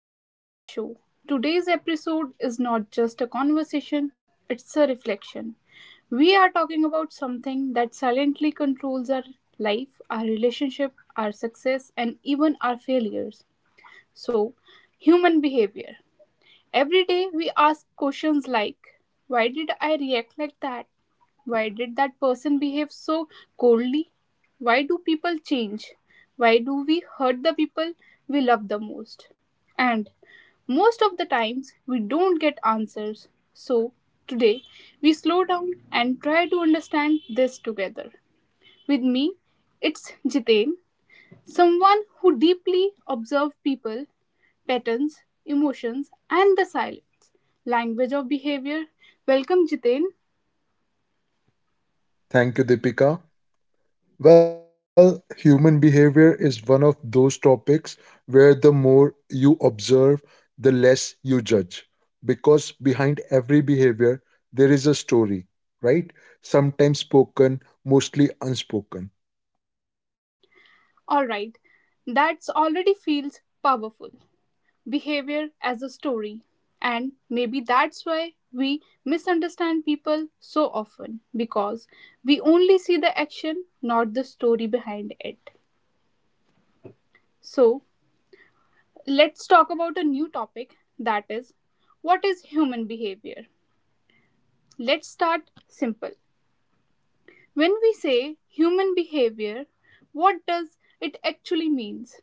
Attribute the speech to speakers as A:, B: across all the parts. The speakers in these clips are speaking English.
A: Welcome to the show. Today's episode is not just a conversation, it's a reflection. We are talking about something that silently controls our life, our relationship, our success, and even our failures. So, human behavior. Every day we ask questions like, why did I react like that? Why did that person behave so coldly? Why do people change? Why do we hurt the people we love the most? And most of the times, we don't get answers. So, today, we slow down and try to understand this together. With me, it's Jitain, someone who deeply observes people, patterns, emotions, and the silence. Language of behavior. Welcome, Jitain.
B: Thank you, Deepika. Well, human behavior is one of those topics where the more you observe, the less you judge. Because behind every behavior, there is a story, right? Sometimes spoken, mostly unspoken.
A: All right, that's already feels powerful. Behavior as a story. And maybe that's why we misunderstand people so often because we only see the action, not the story behind it. So, let's talk about a new topic that is, what is human behavior? Let's start simple. When we say human behavior, what does it actually means?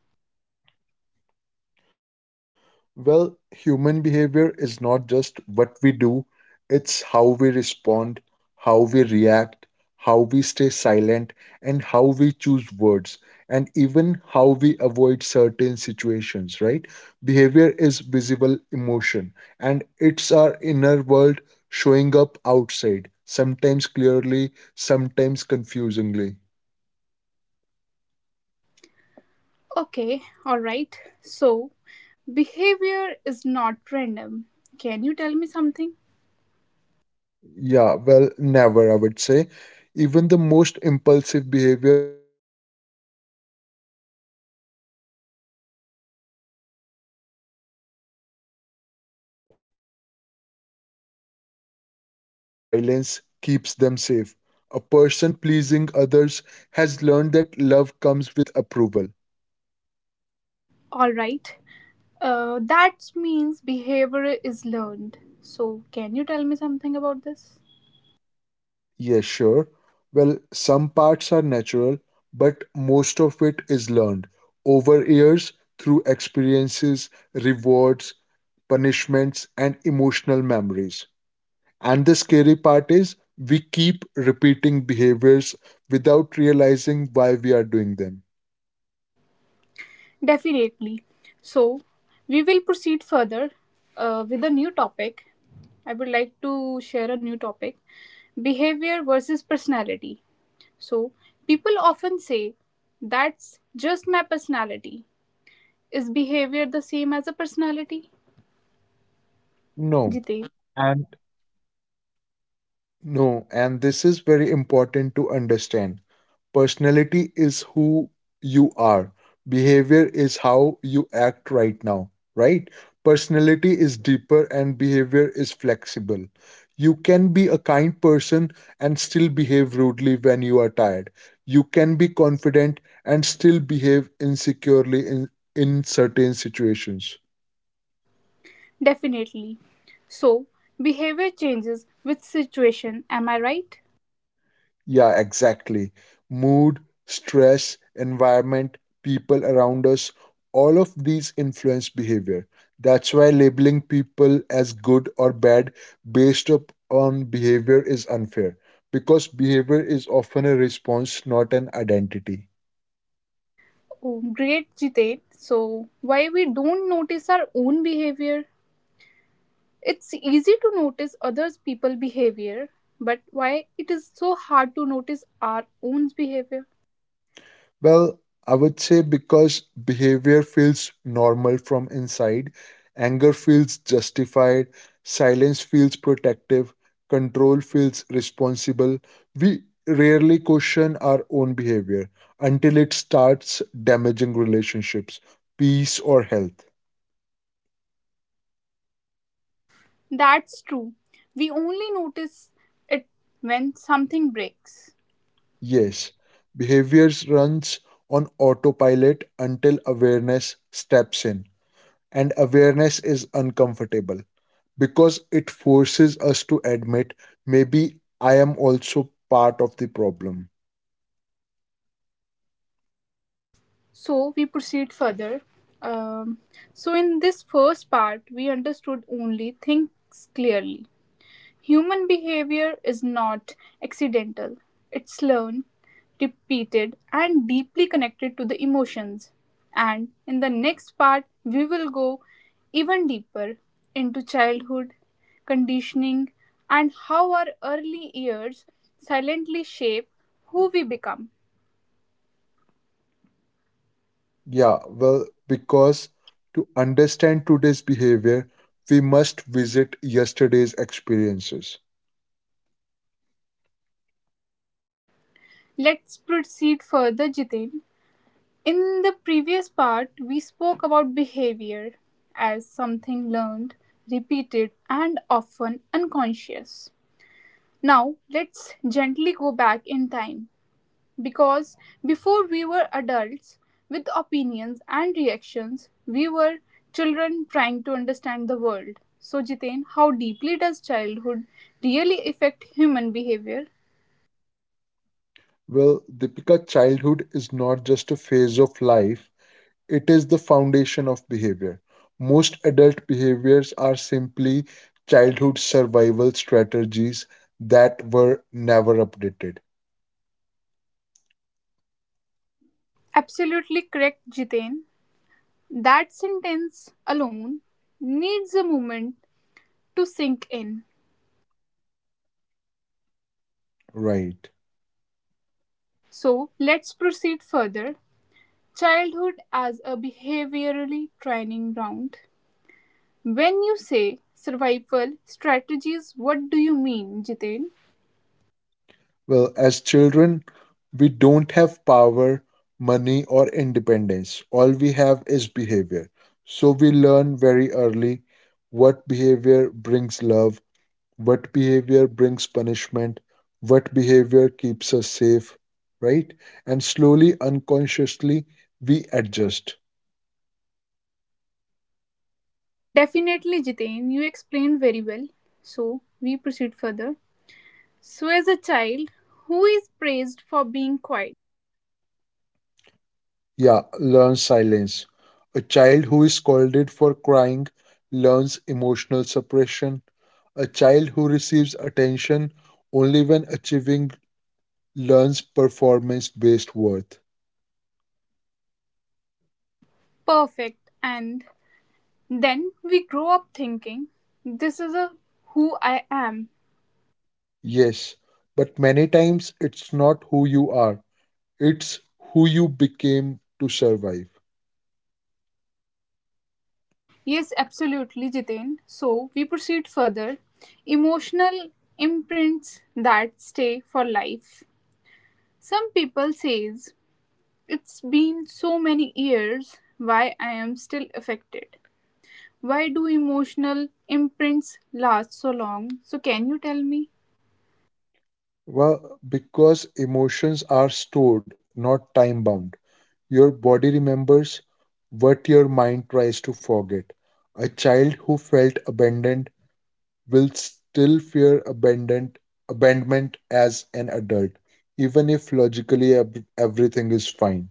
B: Well, human behavior is not just what we do, it's how we respond, how we react, how we stay silent, and how we choose words, and even how we avoid certain situations, right? Behavior is visible emotion, and it's our inner world showing up outside, sometimes clearly, sometimes confusingly.
A: Okay, alright. So, behavior is not random. Can you tell me something?
B: Yeah, well, never, I would say. Even the most impulsive behavior has a root. A person shouting has learned that shouting gets attention. A person staying silent has learned that silence keeps them safe. A person pleasing others has learned that love comes with approval.
A: Alright. That means behavior is learned. So, can you tell me something about this?
B: Yeah, sure. Well, some parts are natural, but most of it is learned over years through experiences, rewards, punishments, and emotional memories. And the scary part is we keep repeating behaviors without realizing why we are doing them.
A: Definitely. So, we will proceed further with a new topic. I would like to share a new topic behavior versus personality. So, people often say, that's just my personality. Is behavior the same as a personality?
B: No.
A: Jitesh,
B: And No, and this is very important to understand. Personality is who you are, behavior is how you act right now, right? Personality is deeper and behavior is flexible. You can be a kind person and still behave rudely when you are tired. You can be confident and still behave insecurely in certain situations.
A: definitely. So, behavior changes with situation, am I right?
B: Yeah, exactly. Mood, stress, environment, people around us, all of these influence behavior. That's why labeling people as good or bad based up on behavior is unfair because behavior is often a response, not an identity.
A: Oh, great, Jitesh. So, why we don't notice our own behavior? It's easy to notice others people behavior, but why it is so hard to notice our own behavior?
B: Well, I would say because behavior feels normal from inside, anger feels justified, silence feels protective, control feels responsible. We rarely question our own behavior until it starts damaging relationships, peace, or health.
A: That's true. We only notice it when something breaks.
B: Yes, behaviors runs on autopilot until awareness steps in, and awareness is uncomfortable, because it forces us to admit maybe I am also part of the problem.
A: So we proceed further. Um, so in this first part, we understood only things clearly. Human behavior is not accidental. It's learned, repeated, and deeply connected to the emotions. And in the next part, we will go even deeper into childhood, conditioning, and how our early years silently shape who we become.
B: Yeah, well, because to understand today's behavior, we must visit yesterday's experiences.
A: Let's proceed further, Jitain. In the previous part, we spoke about behavior as something learned, repeated, and often unconscious. Now, let's gently go back in time because before we were adults with opinions and reactions, we were children trying to understand the world. So, Jiten, how deeply does childhood really affect human behavior?
B: Well, Deepika, childhood is not just a phase of life, it is the foundation of behavior. Most adult behaviors are simply childhood survival strategies that were never updated.
A: Absolutely correct, Jiten. That sentence alone needs a moment to sink in.
B: Right.
A: So let's proceed further. Childhood as a behaviorally training ground. When you say survival strategies, what do you mean, Jitain?
B: Well, as children, we don't have power, money, or independence. All we have is behavior. So we learn very early what behavior brings love, what behavior brings punishment, what behavior keeps us safe, right? And slowly, unconsciously, we adjust.
A: Definitely, Jitain, you explained very well. So we proceed further. So, as a child, who is praised for being quiet,
B: Yeah, learn silence. A child who is scolded for crying learns emotional suppression. A child who receives attention only when achieving learns performance based worth.
A: perfect, and then we grow up thinking, this is a who I am.
B: Yes, but many times it's not who you are, it's who you became to survive.
A: Yes, absolutely, Jiten. So we proceed further. Emotional imprints that stay for life. Some people says it's been so many years why I am still affected. Why do emotional imprints last so long? So can you tell me?
B: Well, because emotions are stored, not time bound. Your body remembers what your mind tries to forget. A child who felt abandoned will still fear abandonment as an adult, even if logically everything is fine.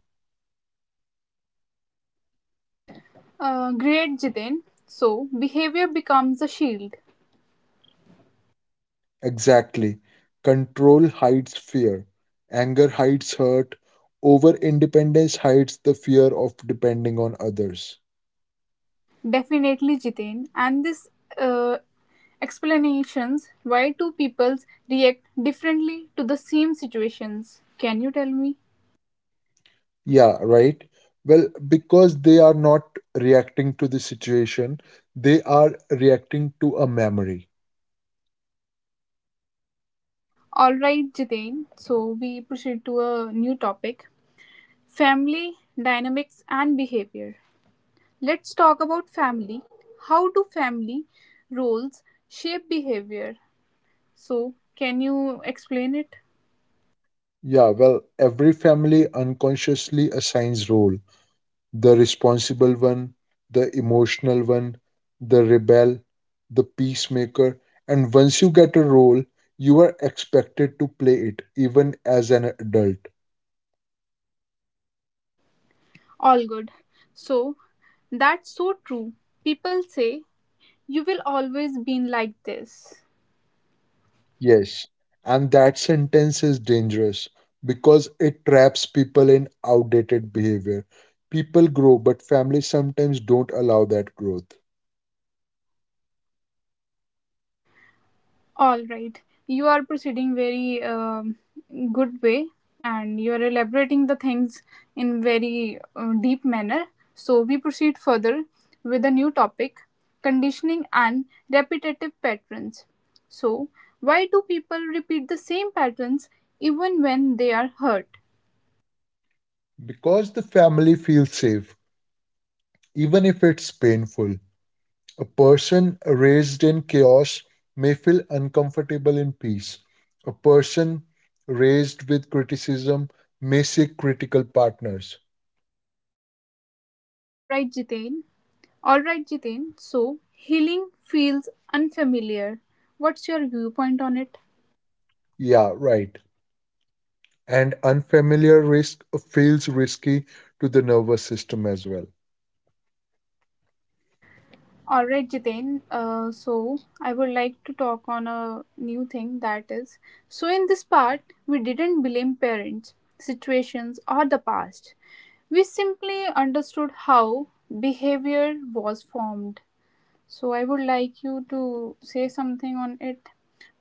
A: Great, Jiten. So behavior becomes a shield.
B: Exactly. Control hides fear, anger hides hurt, over independence hides the fear of depending on others.
A: Definitely, Jitain. And this uh, explanations why two peoples react differently to the same situations. Can you tell me?
B: Yeah, right? Well, because they are not reacting to the situation, they are reacting to a memory.
A: All right, Jitain. So we proceed to a new topic: family dynamics and behavior. Let's talk about family. How do family roles shape behavior? So can you explain it?
B: Yeah, well, every family unconsciously assigns role the responsible one, the emotional one, the rebel, the peacemaker. And once you get a role, you are expected to play it, even as an adult.
A: All good. So that's so true. People say you will always been like this
B: Yes. And that sentence is dangerous because it traps people in outdated behavior. People grow, but families sometimes don't allow that growth.
A: all right you are proceeding very good way and you are elaborating the things in very deep manner so we proceed further with a new topic conditioning and repetitive patterns so why do people repeat the same patterns even when they are hurt
B: Because the family feels safe, even if it's painful. A person raised in chaos may feel uncomfortable in peace. A person raised with criticism may seek critical partners.
A: all right jitain all right jitain so healing feels unfamiliar what's your viewpoint on it.
B: Yeah, right. And unfamiliar risk feels risky to the nervous system as well.
A: All right, Jiten. So I would like to talk on a new thing that is. So in this part, we didn't blame parents, situations, or the past. We simply understood how behavior was formed. So I would like you to say something on it.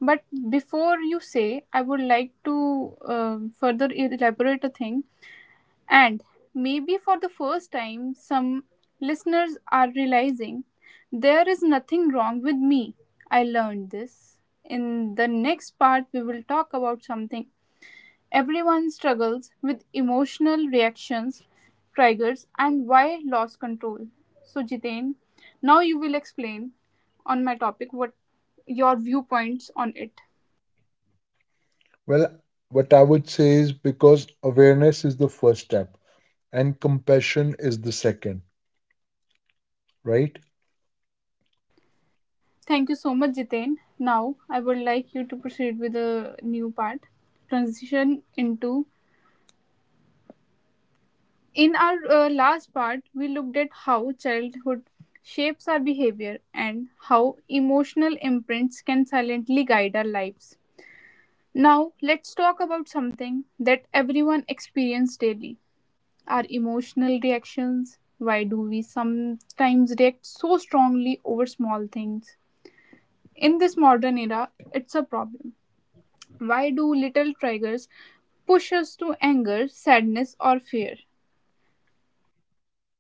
A: But before you say, I would like to further elaborate a thing and maybe for the first time, some listeners are realizing there is nothing wrong with me. I learned this. In the next part, we will talk about something everyone struggles with emotional reactions, triggers, and why lost control. So, Jiten, now you will explain on my topic what your viewpoints on it.
B: Well, what I would say is because awareness is the first step and compassion is the second, right?
A: Thank you so much, Jitain. Now, I would like you to proceed with the new part transition into. In our last part, we looked at how childhood shapes our behavior and how emotional imprints can silently guide our lives. Now, let's talk about something that everyone experiences daily our emotional reactions. Why do we sometimes react so strongly over small things? In this modern era, it's a problem. Why do little triggers push us to anger, sadness, or fear?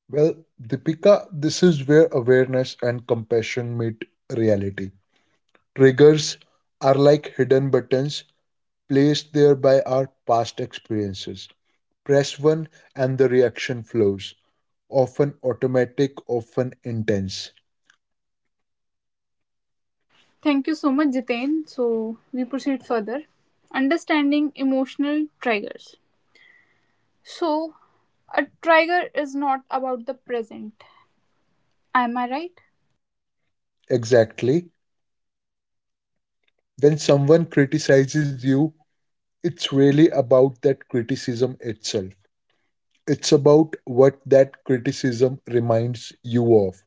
B: Well, Deepika, this is where awareness and compassion meet reality. Triggers are like hidden buttons placed there by our past experiences. Press one and the reaction flows, often automatic, often intense.
A: Thank you so much, Jitain. So, we proceed further. Understanding emotional triggers. So, a trigger is not about the present. Am I right?
B: Exactly. When someone criticizes you, it's really about that criticism itself. It's about what that criticism reminds you of,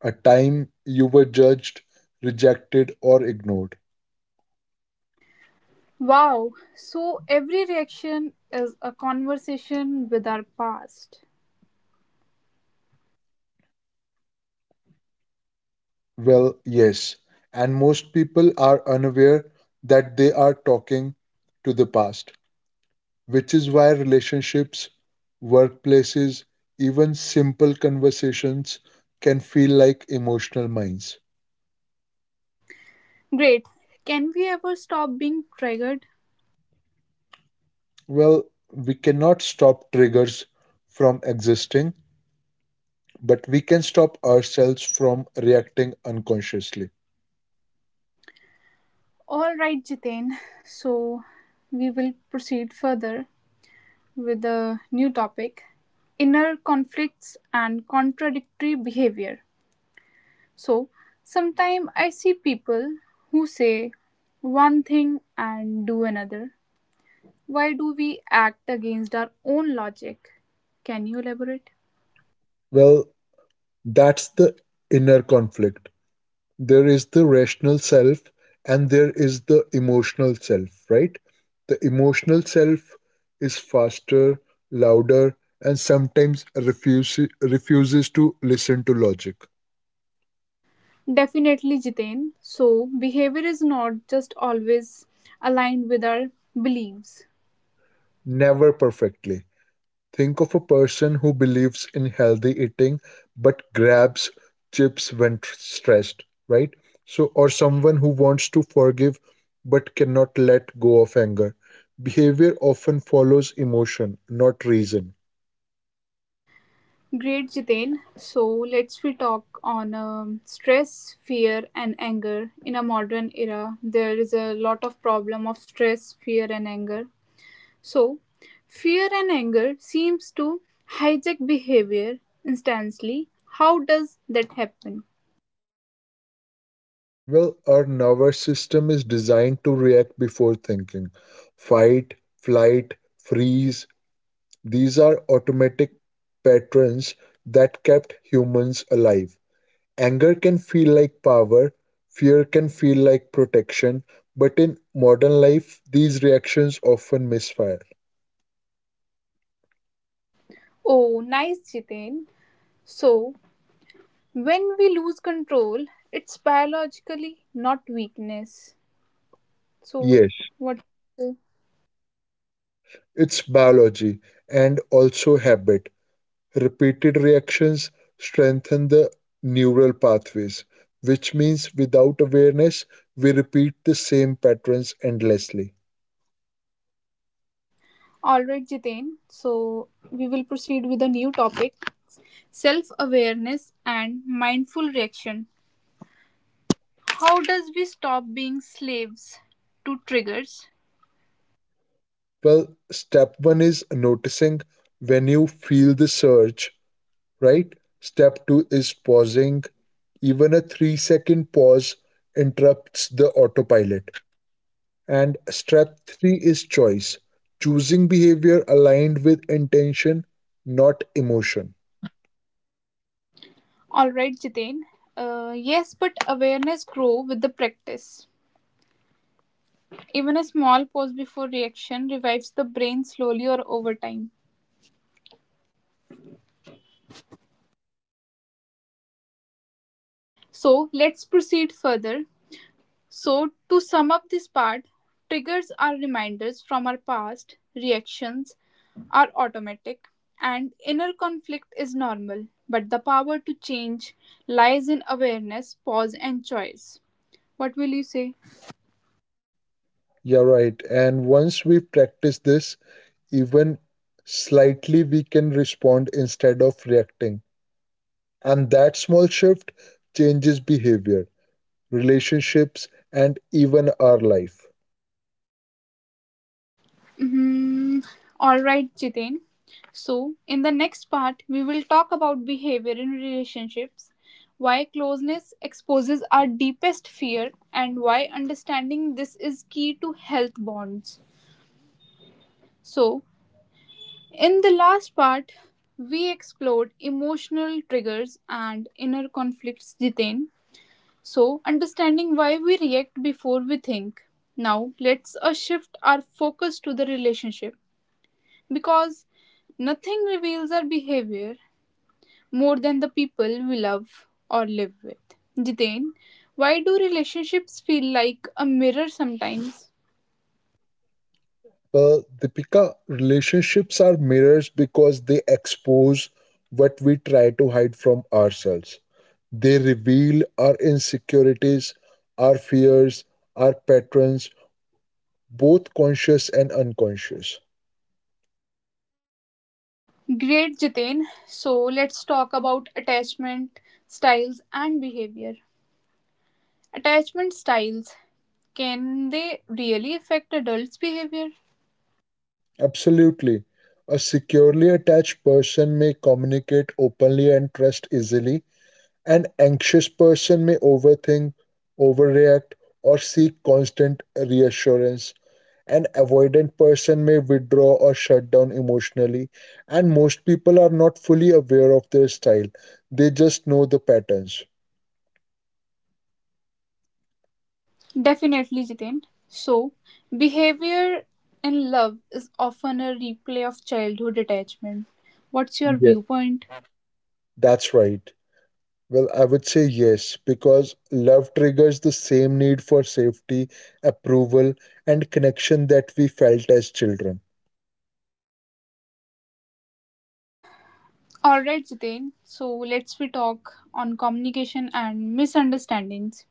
B: a time you were judged, rejected, or ignored.
A: Wow. So, every reaction is a conversation with our past.
B: Well, yes. And most people are unaware that they are talking to the past, which is why relationships, workplaces, even simple conversations can feel like emotional mines.
A: Great. Can we ever stop being triggered?
B: Well, we cannot stop triggers from existing, but we can stop ourselves from reacting unconsciously.
A: All right, Jitain. So, we will proceed further with a new topic inner conflicts and contradictory behavior. So, sometimes I see people who say one thing and do another. Why do we act against our own logic? Can you elaborate?
B: Well, that's the inner conflict. There is the rational self and there is the emotional self, right? The emotional self is faster, louder, and sometimes refuses to listen to logic.
A: Definitely, Jitain. So, behavior is not just always aligned with our beliefs.
B: Never perfectly. Think of a person who believes in healthy eating but grabs chips when stressed, right? So, or someone who wants to forgive but cannot let go of anger. Behavior often follows emotion, not reason.
A: Great, Jiten. So let's we talk on stress, fear, and anger in a modern era. There is a lot of problem of stress, fear, and anger. So, fear and anger seems to hijack behavior instantly. How does that happen?
B: Well, our nervous system is designed to react before thinking. Fight, flight, freeze, these are automatic patterns that kept humans alive. Anger can feel like power, fear can feel like protection, but in modern life, these reactions often misfire.
A: Oh, nice, Jiten. So, when we lose control, it's biologically not weakness. So,
B: Yes,
A: what?
B: it's biology and also habit. Repeated reactions strengthen the neural pathways, which means without awareness, we repeat the same patterns endlessly.
A: All right, Jitain. So we will proceed with a new topic self awareness and mindful reaction. How does we stop being slaves to triggers?
B: Well, step one is noticing when you feel the surge, right? Step two is pausing. Even a 3 second pause interrupts the autopilot. And step three is choice, choosing behavior aligned with intention, not emotion.
A: All right, Jitain. Yes, but awareness grow with the practice. Even a small pause before reaction revives the brain slowly or over time. So let's proceed further. So, to sum up this part, triggers are reminders from our past, reactions are automatic, and inner conflict is normal. But the power to change lies in awareness, pause, and choice. What will you say?
B: Yeah, right. And once we practice this, even slightly, we can respond instead of reacting. And that small shift changes behavior, relationships, and even our life.
A: Mm-hmm. All right, Jitin. So, in the next part, we will talk about behavior in relationships, why closeness exposes our deepest fear, and why understanding this is key to health bonds. So, in the last part, we explored emotional triggers and inner conflicts, Jiten. So, understanding why we react before we think. Now, let's shift our focus to the relationship because nothing reveals our behavior more than the people we love or live with. Jiten, why do relationships feel like a mirror sometimes?
B: Well, Deepika, relationships are mirrors because they expose what we try to hide from ourselves. They reveal our insecurities, our fears, our patterns, both conscious and unconscious.
A: Great, Jitain. So let's talk about attachment styles and behavior. Attachment styles can they really affect adults' behavior?
B: Absolutely. A securely attached person may communicate openly and trust easily. An anxious person may overthink, overreact, or seek constant reassurance. An avoidant person may withdraw or shut down emotionally. And most people are not fully aware of their style, they just know the patterns.
A: Definitely, Jitain. So, behavior in love is often a replay of childhood attachment. What's your
B: Yeah,
A: viewpoint?
B: that's right. Well, I would say yes, because love triggers the same need for safety, approval, and connection that we felt as children.
A: All right, Jitain. So let's we talk on communication and misunderstandings.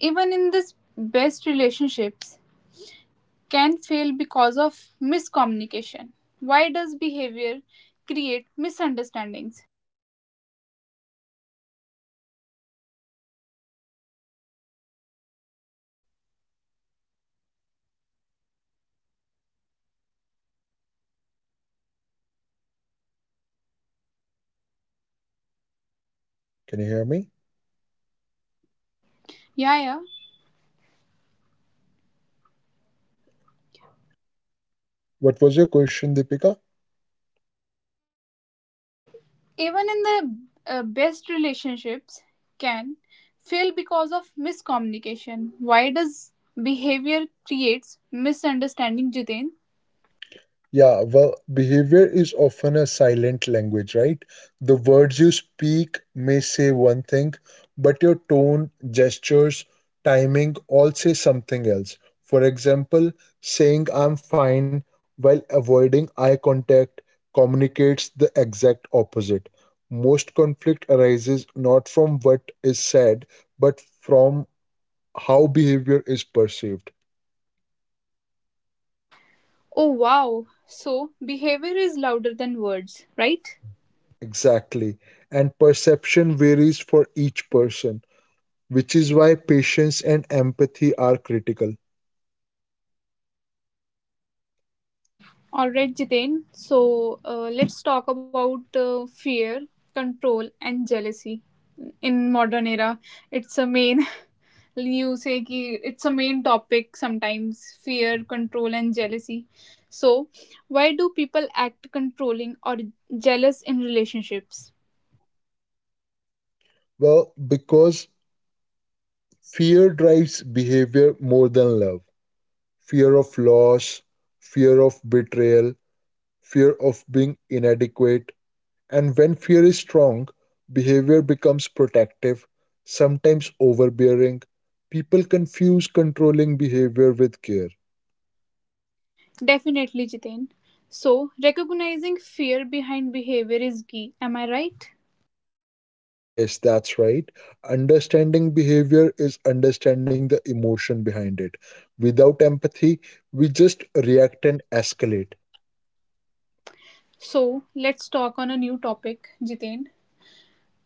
A: Even in this best relationships, can fail because of miscommunication. Why does behavior create misunderstandings?
B: Can you hear me?
A: Yeah, yeah.
B: What was your question, Deepika?
A: Even in the best relationships, can fail because of miscommunication. Why does behavior creates misunderstanding, Jiten?
B: Yeah, well, behavior is often a silent language, right? The words you speak may say one thing, but your tone, gestures, timing all say something else. For example, saying I'm fine while avoiding eye contact communicates the exact opposite. Most conflict arises not from what is said, but from how behavior is perceived.
A: Oh wow. So behavior is louder than words, right?
B: Exactly. And perception varies for each person, which is why patience and empathy are critical.
A: All right, Jiten. So let's talk about fear, control, and jealousy in modern era. It's a main you say ki it's a main topic sometimes fear control and jealousy so why do people act controlling or jealous in relationships
B: Well, because fear drives behavior more than love. Fear of loss, fear of betrayal, fear of being inadequate. And when fear is strong, behavior becomes protective, sometimes overbearing. People confuse controlling behavior with care.
A: definitely jitain so recognizing fear behind behavior is key am I right
B: Yes, that's right. Understanding behavior is understanding the emotion behind it. Without empathy, we just react and escalate.
A: so let's talk on a new topic jitain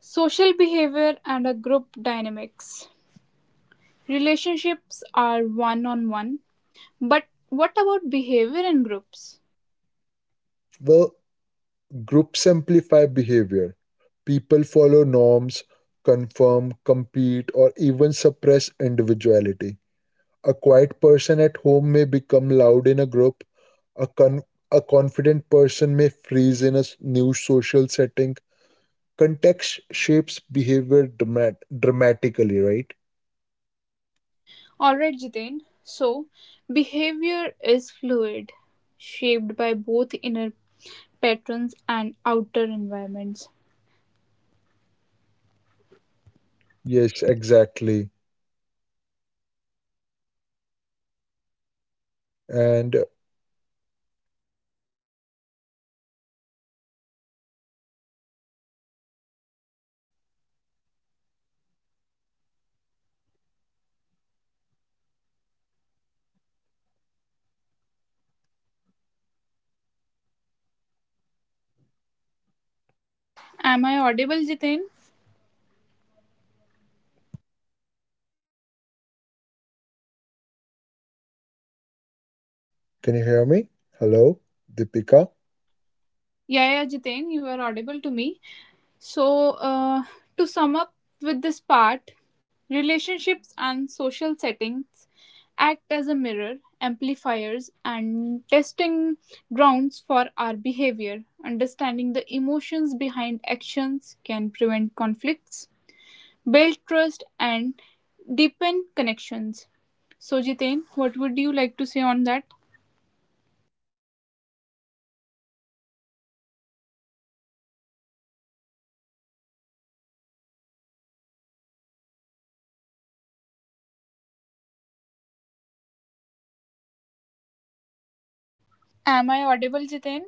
A: social behavior and a group dynamics relationships are one on one but what about behavior in groups.
B: Well, groups amplify behavior. People follow norms, confirm, compete, or even suppress individuality. A quiet person at home may become loud in a group. A, con- a confident person may freeze in a new social setting. Context shapes behavior dramatically, right?
A: Alright, Jiten. So, behavior is fluid, shaped by both inner patterns and outer environments.
B: Yes, exactly. And
A: Am I audible, Jiten?
B: can you hear me? Hello, Deepika.
A: Yeah, yeah, Jiten, you are audible to me. So, to sum up with this part, relationships and social settings act as a mirror, amplifiers, and testing grounds for our behavior. Understanding the emotions behind actions can prevent conflicts build trust and deepen connections. So, Jiten, what would you like to say on that? Am I audible, Jiten?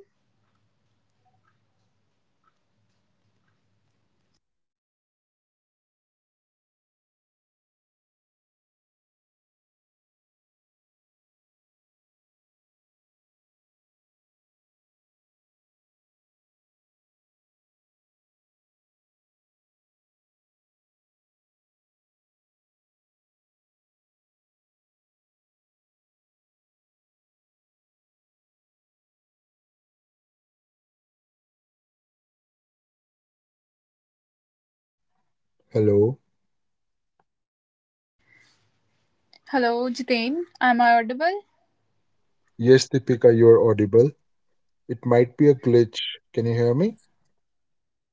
B: Hello.
A: Hello, Jiten. Am I audible?
B: Yes, Deepika, you're audible. It might be a glitch. Can you hear me?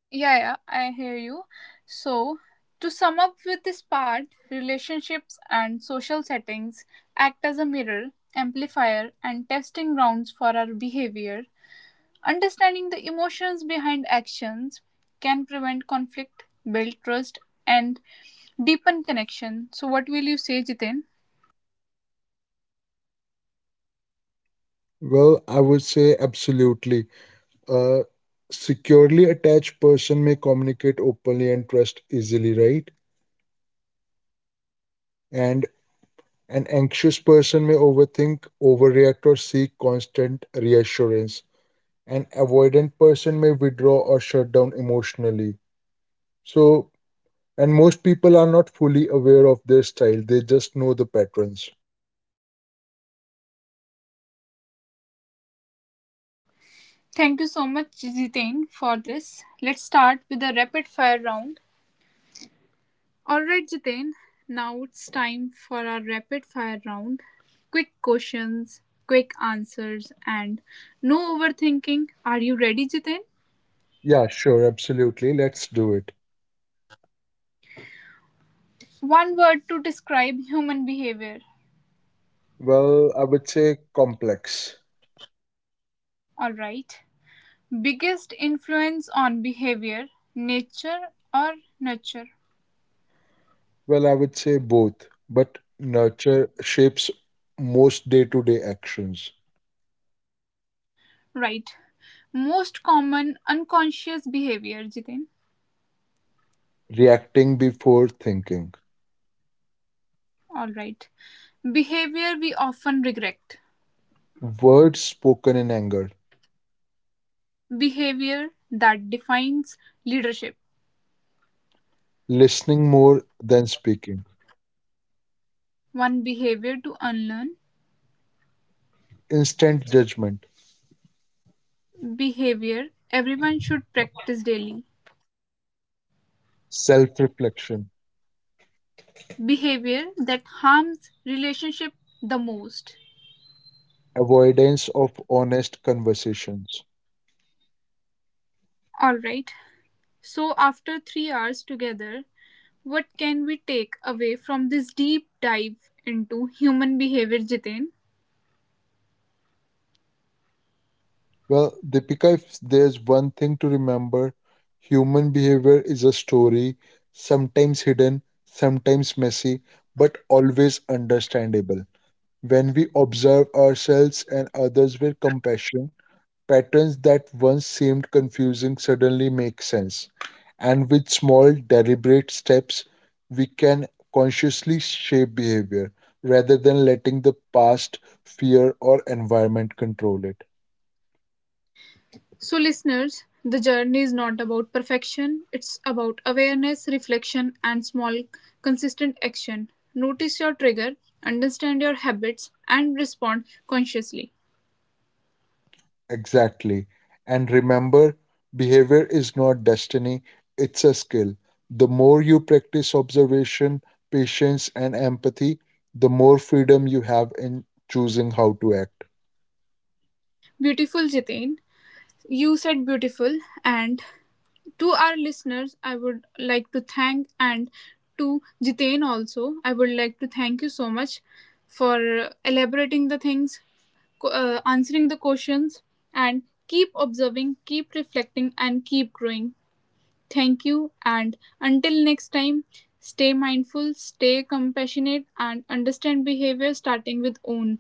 A: Yeah, yeah, I hear you. So, to sum up with this part, relationships and social settings act as a mirror, amplifier, and testing grounds for our behavior. Understanding the emotions behind actions can prevent conflict, build trust, and deepen connection. So, what will you say, Jiten?
B: Well, I would say absolutely. A securely attached person may communicate openly and trust easily, right? And an anxious person may overthink, overreact, or seek constant reassurance. An avoidant person may withdraw or shut down emotionally. So, and most people are not fully aware of their style, they just know the patterns.
A: Thank you so much, Jiten, for this. Let's start with the rapid fire round. All right, Jiten. Now it's time for our rapid fire round. Quick questions, quick answers, and no overthinking. Are you ready, Jiten?
B: Yeah, sure, absolutely. Let's do it.
A: One word to describe human behavior.
B: Well, I would say complex.
A: All right. Biggest influence on behavior, nature or nurture?
B: Well, I would say both, but nurture shapes most day to day actions.
A: Right. Most common unconscious behavior, Jitin.
B: Reacting before thinking,
A: All right. Behavior we often regret.
B: words spoken in anger,
A: Behavior that defines leadership.
B: listening more than speaking,
A: One behavior to unlearn.
B: instant judgment,
A: Behavior everyone should practice daily.
B: self reflection,
A: Behavior that harms relationship the most.
B: avoidance of honest conversations.
A: All right. So after 3 hours together, what can we take away from this deep dive into human behavior, Jitain?
B: Well, Deepika, if there's one thing to remember, human behavior is a story, sometimes hidden, sometimes messy, but always understandable. When we observe ourselves and others with compassion, patterns that once seemed confusing suddenly make sense. And with small, deliberate steps, we can consciously shape behavior rather than letting the past, fear, or environment control it.
A: So, listeners, the journey is not about perfection, it's about awareness, reflection, and small, consistent action. Notice your trigger, understand your habits, and respond consciously.
B: Exactly. And remember, behavior is not destiny, it's a skill. The more you practice observation, patience, and empathy, the more freedom you have in choosing how to act.
A: Beautiful, Jitain. You said beautiful, and to our listeners, I would like to thank, and to Jitain also, I would like to thank you so much for elaborating the things answering the questions, and keep observing, keep reflecting, and keep growing. Thank you, and until next time, stay mindful, stay compassionate, and understand behavior starting with own.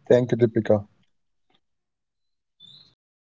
B: Thank you, Deepika.